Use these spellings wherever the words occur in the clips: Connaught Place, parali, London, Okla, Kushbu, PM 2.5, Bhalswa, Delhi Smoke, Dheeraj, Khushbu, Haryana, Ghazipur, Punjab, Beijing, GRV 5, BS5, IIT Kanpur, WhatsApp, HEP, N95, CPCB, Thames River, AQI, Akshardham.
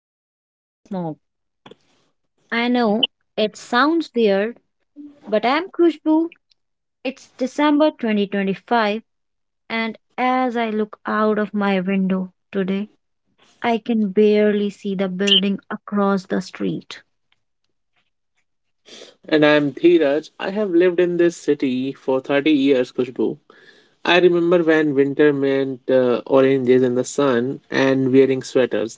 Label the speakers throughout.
Speaker 1: to the Delhi Smoke. I know it sounds weird, but I'm Khushbu. It's December 2025, and as I look out of my window today, I can barely see the building across the street.
Speaker 2: And I'm Dheeraj. I have lived in this city for 30 years, Kushbu. I remember when winter meant oranges in the sun and wearing sweaters.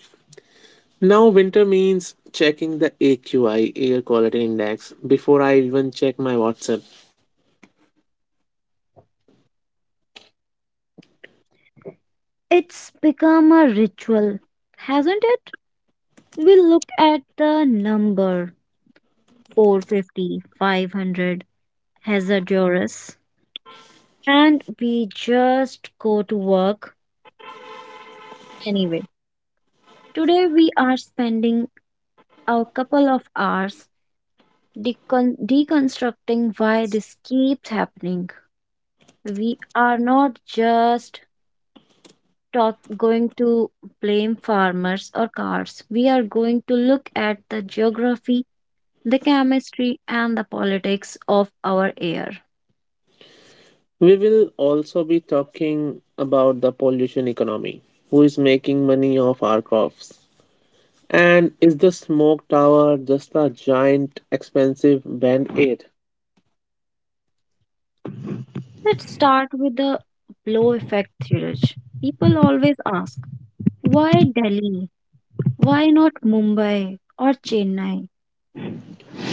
Speaker 2: Now winter means checking the AQI, Air Quality Index, before I even check my WhatsApp.
Speaker 1: It's become a ritual, hasn't it? We look at the number 450, 500, hazardous, and we just go to work anyway. Today we are spending a couple of hours deconstructing why this keeps happening. We are not just going to blame farmers or cars. We are going to look at the geography, the chemistry, and the politics of our air.
Speaker 2: We will also be talking about the pollution economy. Who is making money off our coughs? And is the smoke tower just a giant expensive band aid?
Speaker 1: Let's start with the blow effect theory. People always ask, why Delhi? Why not Mumbai or Chennai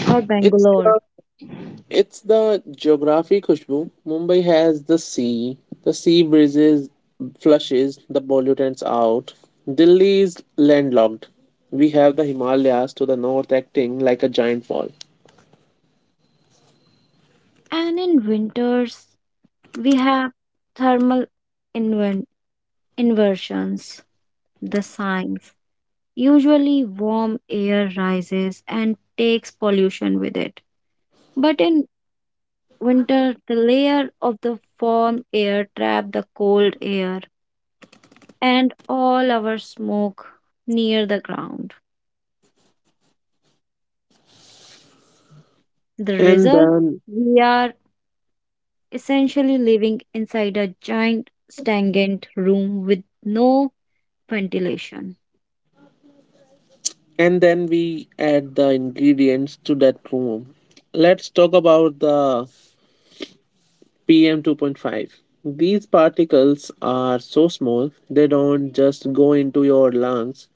Speaker 1: or
Speaker 2: It's
Speaker 1: Bangalore?
Speaker 2: the It's the geography, Khushbu. Mumbai has the sea. The sea breezes flushes the pollutants out. Delhi is landlocked. We have the Himalayas to the north acting like a giant wall.
Speaker 1: And in winters, we have thermal inver- inversions, the signs. Usually, warm air rises and takes pollution with it. But in winter, the layer of the warm air trap the cold air and all our smoke near the ground. The
Speaker 2: And
Speaker 1: result?
Speaker 2: then
Speaker 1: We are essentially living inside a giant stagnant room with no ventilation.
Speaker 2: and then we add the ingredients to that room. Let's talk about the PM 2.5. These particles are so small, they don't just go into your lungs,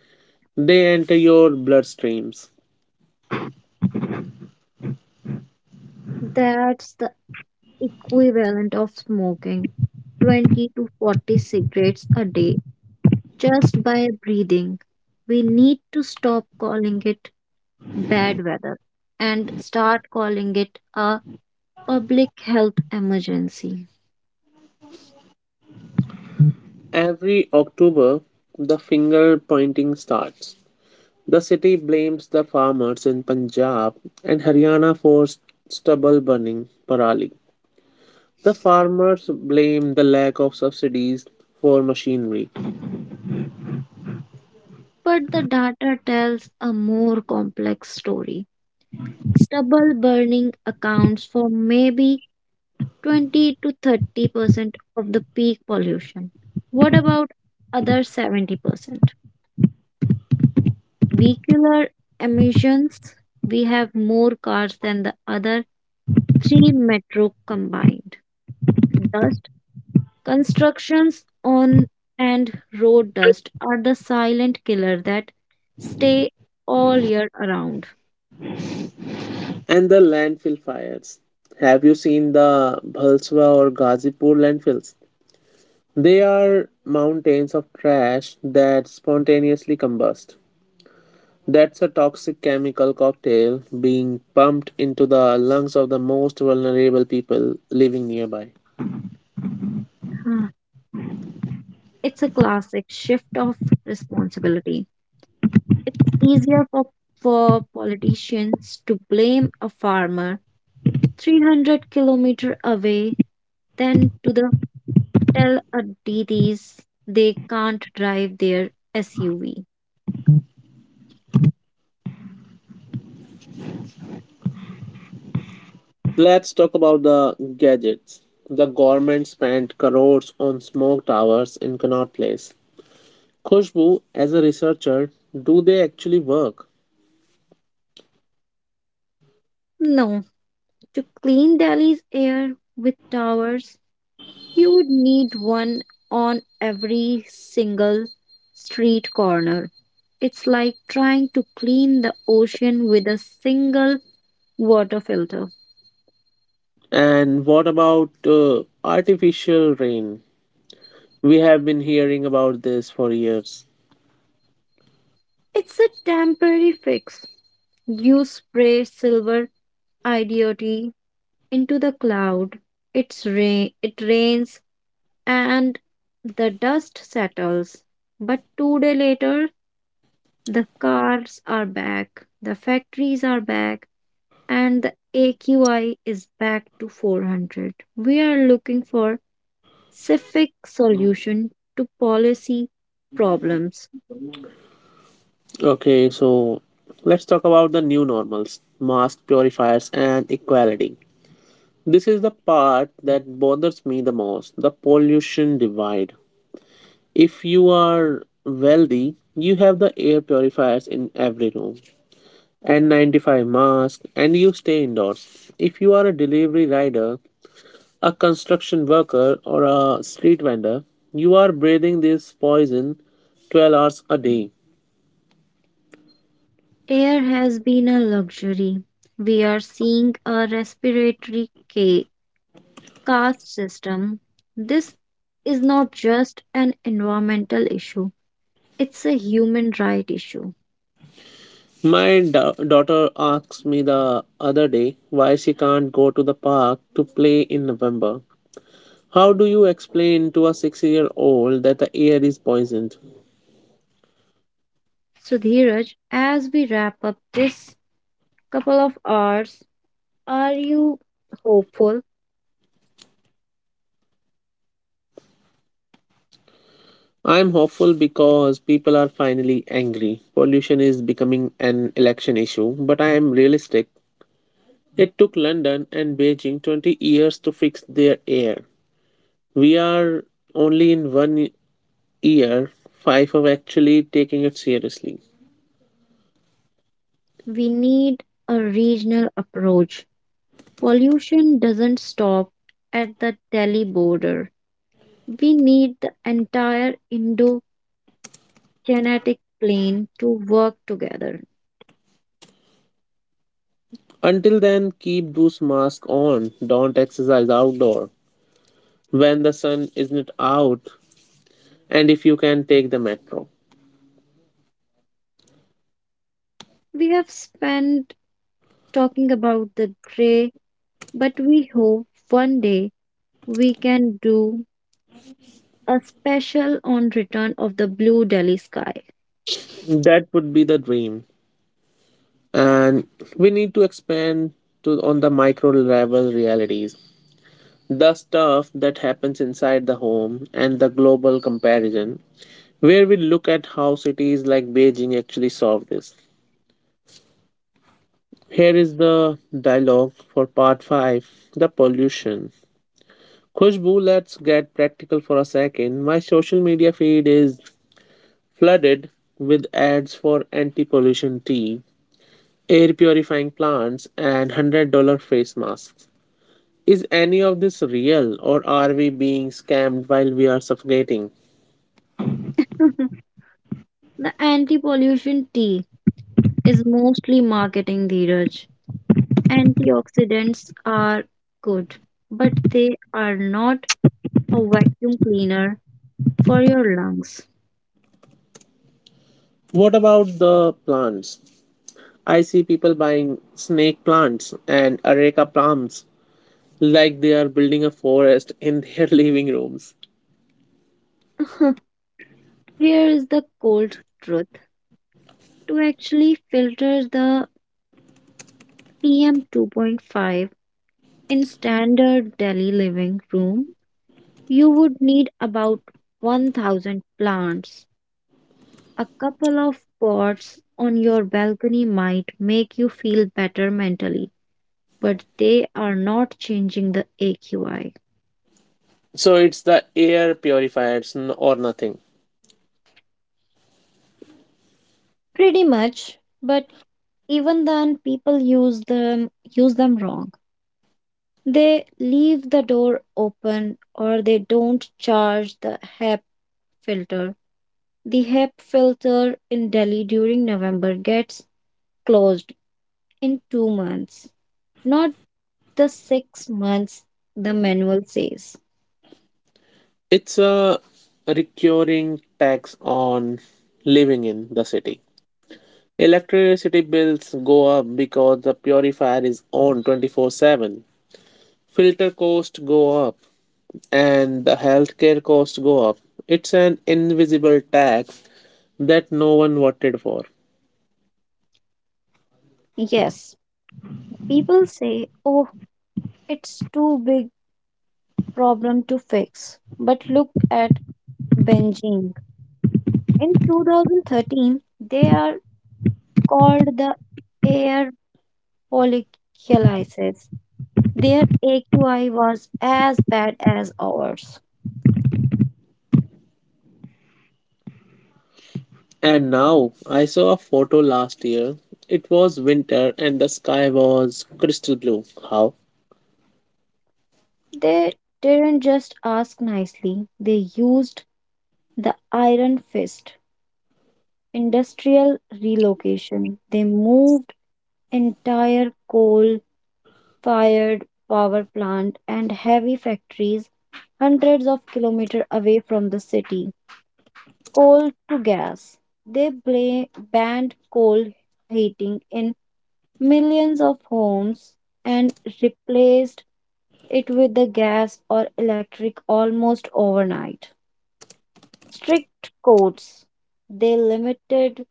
Speaker 2: they enter your bloodstreams.
Speaker 1: That's the equivalent of smoking 20 to 40 cigarettes a day just by breathing. We need to stop calling it bad weather and start calling it a public health emergency.
Speaker 2: Every October, the finger pointing starts. The city blames the farmers in Punjab and Haryana for stubble burning parali. The farmers blame the lack of subsidies for machinery
Speaker 1: But the data tells a more complex story. Stubble burning accounts for maybe 20 to 30% of the peak pollution. What about other 70%? Vehicular emissions, we have more cars than the other three metro combined. Dust, constructions on and road dust are the silent killer that stay all year around.
Speaker 2: and the landfill fires. Have you seen the Bhalswa or Ghazipur landfills? They are mountains of trash that spontaneously combust. That's a toxic chemical cocktail being pumped into the lungs of the most vulnerable people living nearby.
Speaker 1: Huh. It's a classic shift of responsibility. It's easier for politicians to blame a farmer 300 kilometer away than to the tell a DDs they can't drive their SUV.
Speaker 2: Let's talk about the gadgets. The government spent crores on smoke towers in Connaught Place. Khushbu, as a researcher, do they actually work?
Speaker 1: No, to clean Delhi's air with towers, you would need one on every single street corner. It's like trying to clean the ocean with a single water filter.
Speaker 2: And what about artificial rain? We have been hearing about this for years.
Speaker 1: It's a temporary fix. You spray silver idiotry into the cloud. It's rain. It rains and the dust settles. But 2 days later, the cars are back, the factories are back, and the AQI is back to 400. We are looking for specific solution to policy problems.
Speaker 2: Okay, so let's talk about the new normals, mask purifiers, and equality. This is the part that bothers me the most, the pollution divide. If you are wealthy, you have the air purifiers in every room, N95 mask, and you stay indoors. If you are a delivery rider, a construction worker, or a street vendor, you are breathing this poison 12 hours a day.
Speaker 1: Air has been a luxury. We are seeing a respiratory caste system. This is not just an environmental issue, it's a human right issue.
Speaker 2: My daughter asked me the other day why she can't go to the park to play in November. How do you explain to a 6 year old that the air is poisoned?
Speaker 1: So, Dheeraj, as we wrap up this couple of hours, are you hopeful?
Speaker 2: I'm hopeful because people are finally angry. Pollution is becoming an election issue, but I am realistic. It took London and Beijing 20 years to fix their air. We are only in one year, five of actually taking it seriously.
Speaker 1: We need a regional approach. Pollution doesn't stop at the Delhi border. We need the entire Indo kinetic plane to work together.
Speaker 2: Until then, keep those masks on. Don't exercise outdoor when the sun isn't out, and if you can, take the metro.
Speaker 1: We have spent talking about the gray, but we hope one day we can do a special on Return of the Blue Delhi Sky.
Speaker 2: That would be the dream. And we need to expand to on the micro level realities. The stuff that happens inside the home and the global comparison, where we look at how cities like Beijing actually solve this. Here is the dialogue for part 5, the pollution. Khushbu, let's get practical for a second. My social media feed is flooded with ads for anti pollution tea, air purifying plants, and $100 face masks. Is any of this real or are we being scammed while we are suffocating?
Speaker 1: The anti pollution tea is mostly marketing, Dheeraj. Antioxidants are good, but they are not a vacuum cleaner for your lungs.
Speaker 2: What about the plants? I see people buying snake plants and areca plants like they are building a forest in their living rooms.
Speaker 1: Here is the cold truth to actually filter the PM 2.5 in standard Delhi living room, you would need about 1000 plants. A couple of pots on your balcony might make you feel better mentally, but they are not changing the AQI.
Speaker 2: So it's the air purifiers or nothing.
Speaker 1: Pretty much, but even then people use them wrong. They leave the door open or they don't charge the HEP filter. The HEP filter in Delhi during November gets closed in 2 months, not the 6 months the manual says.
Speaker 2: It's a recurring tax on living in the city. Electricity bills go up because the purifier is on 24/7. Filter costs go up and the healthcare costs go up. It's an invisible tax that no one voted for.
Speaker 1: Yes, people say, oh, it's too big problem to fix. But look at Beijing. In 2013, they are called the air polyculiasis. Their AQI was as bad as ours.
Speaker 2: And now I saw a photo last year. It was winter and the sky was crystal blue. How?
Speaker 1: They didn't just ask nicely, they used the iron fist. Industrial relocation. They moved entire coal fired power plant and heavy factories hundreds of kilometers away from the city. Coal to gas. They banned coal heating in millions of homes and replaced it with the gas or electric almost overnight. Strict codes. They limited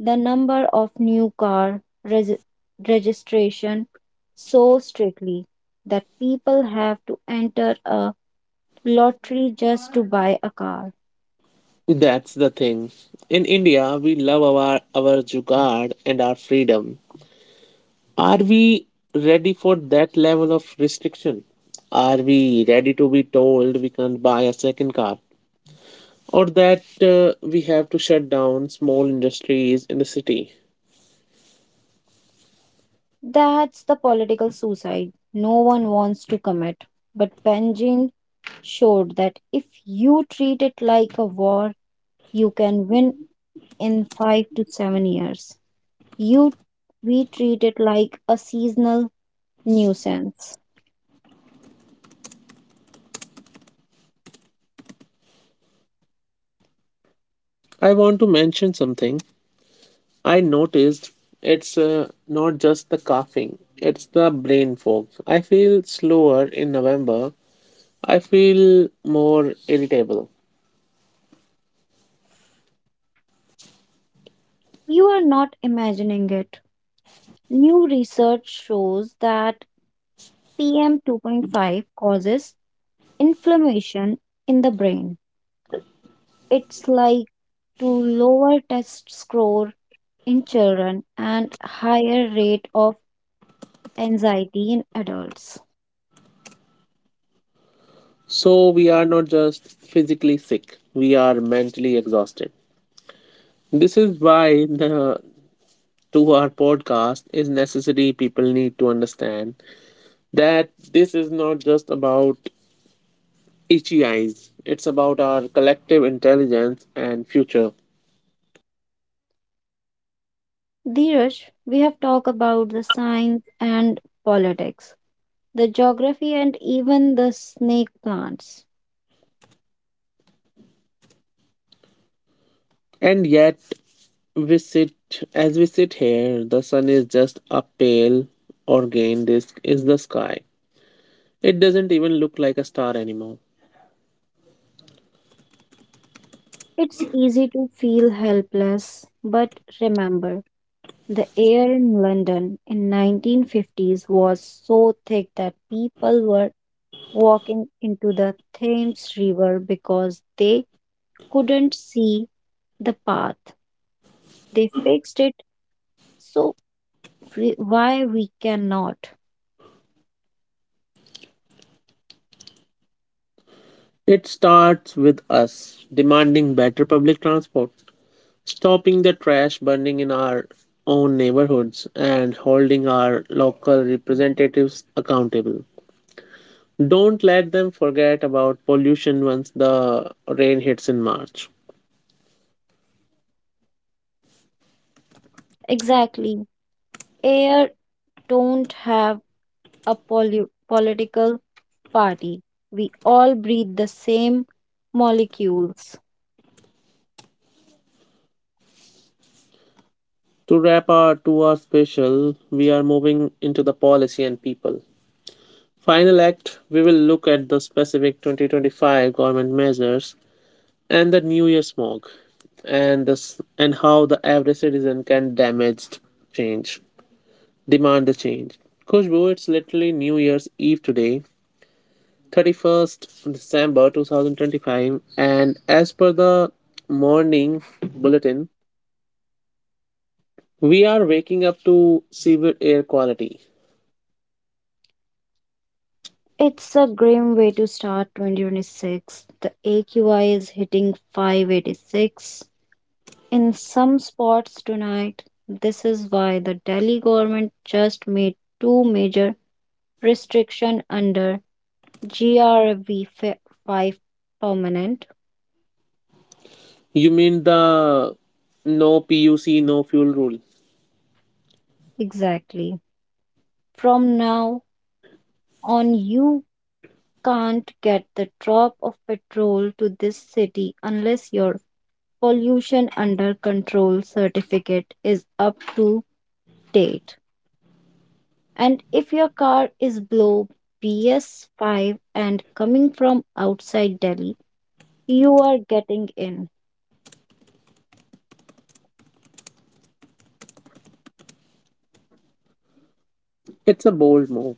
Speaker 1: the number of new car registration so strictly that people have to enter a lottery just to buy a car.
Speaker 2: That's the thing. In India, we love our jugaad and our freedom. Are we ready for that level of restriction? Are we ready to be told we can't buy a second car? Or that we have to shut down small industries in the city?
Speaker 1: That's the political suicide no one wants to commit. But Benjamin showed that if you treat it like a war, you can win in 5 to 7 years. You we treat it like a seasonal nuisance.
Speaker 2: I want to mention something. I noticed it's not just the coughing, it's the brain fog. I feel slower in November, I feel more irritable.
Speaker 1: You are not imagining it. New research shows that PM 2.5 causes inflammation in the brain. It's like to lower test score in children and higher rate of anxiety in adults.
Speaker 2: So we are not just physically sick, we are mentally exhausted. This is why the to our podcast is necessary. People need to understand that this is not just about itchy eyes, it's about our collective intelligence and future.
Speaker 1: Dheeraj, we have talked about the science and politics, the geography and even the snake plants.
Speaker 2: And yet, we sit as we sit here, the sun is just a pale organe disk, is the sky. It doesn't even look like a star anymore.
Speaker 1: It's easy to feel helpless, but remember the air in London in 1950s was so thick that people were walking into the Thames River because they couldn't see the path. They fixed it so why we cannot.
Speaker 2: It starts with us demanding better public transport, stopping the trash burning in our own neighborhoods, and holding our local representatives accountable. Don't let them forget about pollution once the rain hits in March.
Speaker 1: Exactly. Air don't have a political party. We all breathe the same molecules.
Speaker 2: To wrap our two-hour special, we are moving into the policy and people. Final act, we will look at the specific 2025 government measures and the New Year smog and how the average citizen can damage change. Demand the change. Kushbu, it's literally New Year's Eve today, December 31 2025, and as per the morning bulletin, we are waking up to severe air quality.
Speaker 1: It's a grim way to start 2026. The AQI is hitting 586 in some spots tonight. This is why the Delhi government just made two major restriction under GRV 5 permanent.
Speaker 2: You mean the no PUC, no fuel rule?
Speaker 1: Exactly. From now on you can't get the drop of petrol to this city unless your pollution under control certificate is up to date. And if your car is below BS5 and coming from outside Delhi, you are getting in.
Speaker 2: It's a bold move.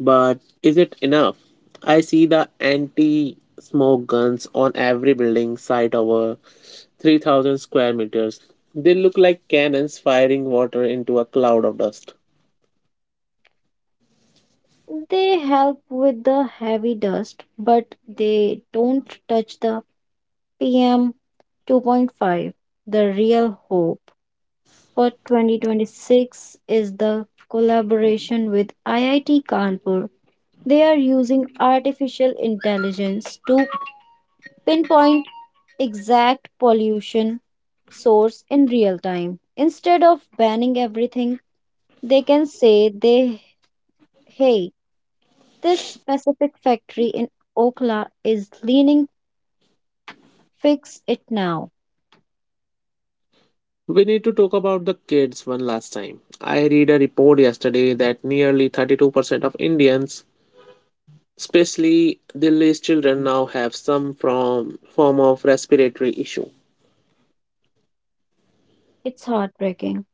Speaker 2: But is it enough? I see the anti smoke guns on every building site over 3,000 square meters. They look like cannons firing water into a cloud of dust.
Speaker 1: They help with the heavy dust, but they don't touch the PM 2.5. The real hope for 2026 is the collaboration with IIT Kanpur. They are using artificial intelligence to pinpoint exact pollution source in real time. Instead of banning everything, they can say they hey, this specific factory in Okla is leaning, fix it now.
Speaker 2: We need to talk about the kids one last time. I read a report yesterday that nearly 32% of Indians, especially Delhi's children, now have some from form of respiratory issue.
Speaker 1: It's heartbreaking.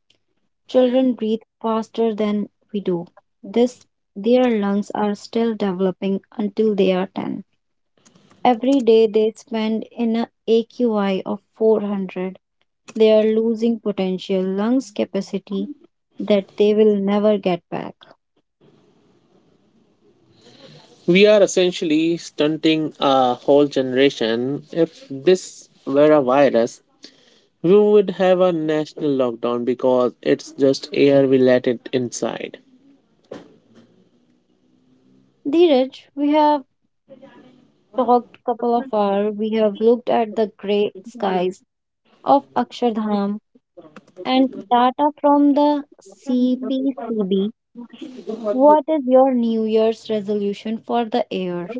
Speaker 1: Children breathe faster than we do. This their lungs are still developing until they are 10. Every day they spend in a AQI of 400. They are losing potential lungs capacity that they will never get back.
Speaker 2: We are essentially stunting a whole generation. If this were a virus, we would have a national lockdown because it's just air, we let it inside.
Speaker 1: Dheeraj, we have talked couple of hours. We have looked at the grey skies of Akshardham and data from the CPCB. What is your New Year's resolution for the year?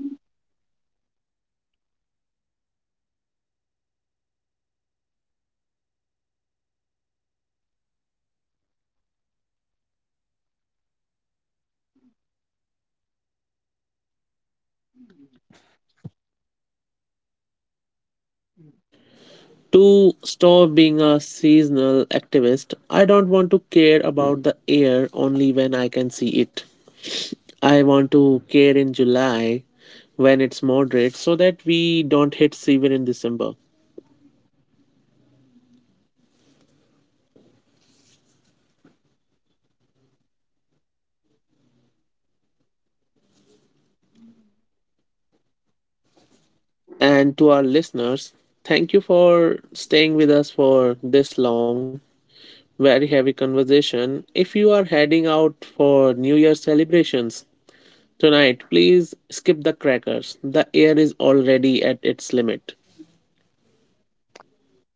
Speaker 2: To stop being a seasonal activist, I don't want to care about the air only when I can see it. I want to care in July when it's moderate so that we don't hit fever in December. And to our listeners, thank you for staying with us for this long. Very heavy conversation. If you are heading out for New Year celebrations tonight, please skip the crackers. The air is already at its limit.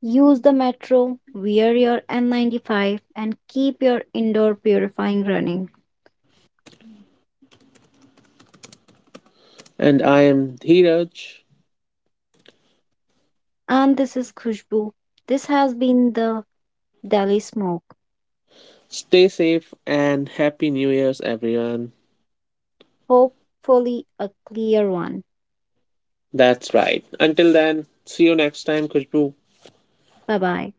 Speaker 1: Use the metro, wear your N95, and keep your indoor purifying running.
Speaker 2: And I am Dheeraj.
Speaker 1: And this is Khushbu. This has been the Delhi Smoke.
Speaker 2: Stay safe and happy New Year's, everyone.
Speaker 1: Hopefully, a clear one.
Speaker 2: That's right. Until then, see you next time, Kushbu.
Speaker 1: Bye bye.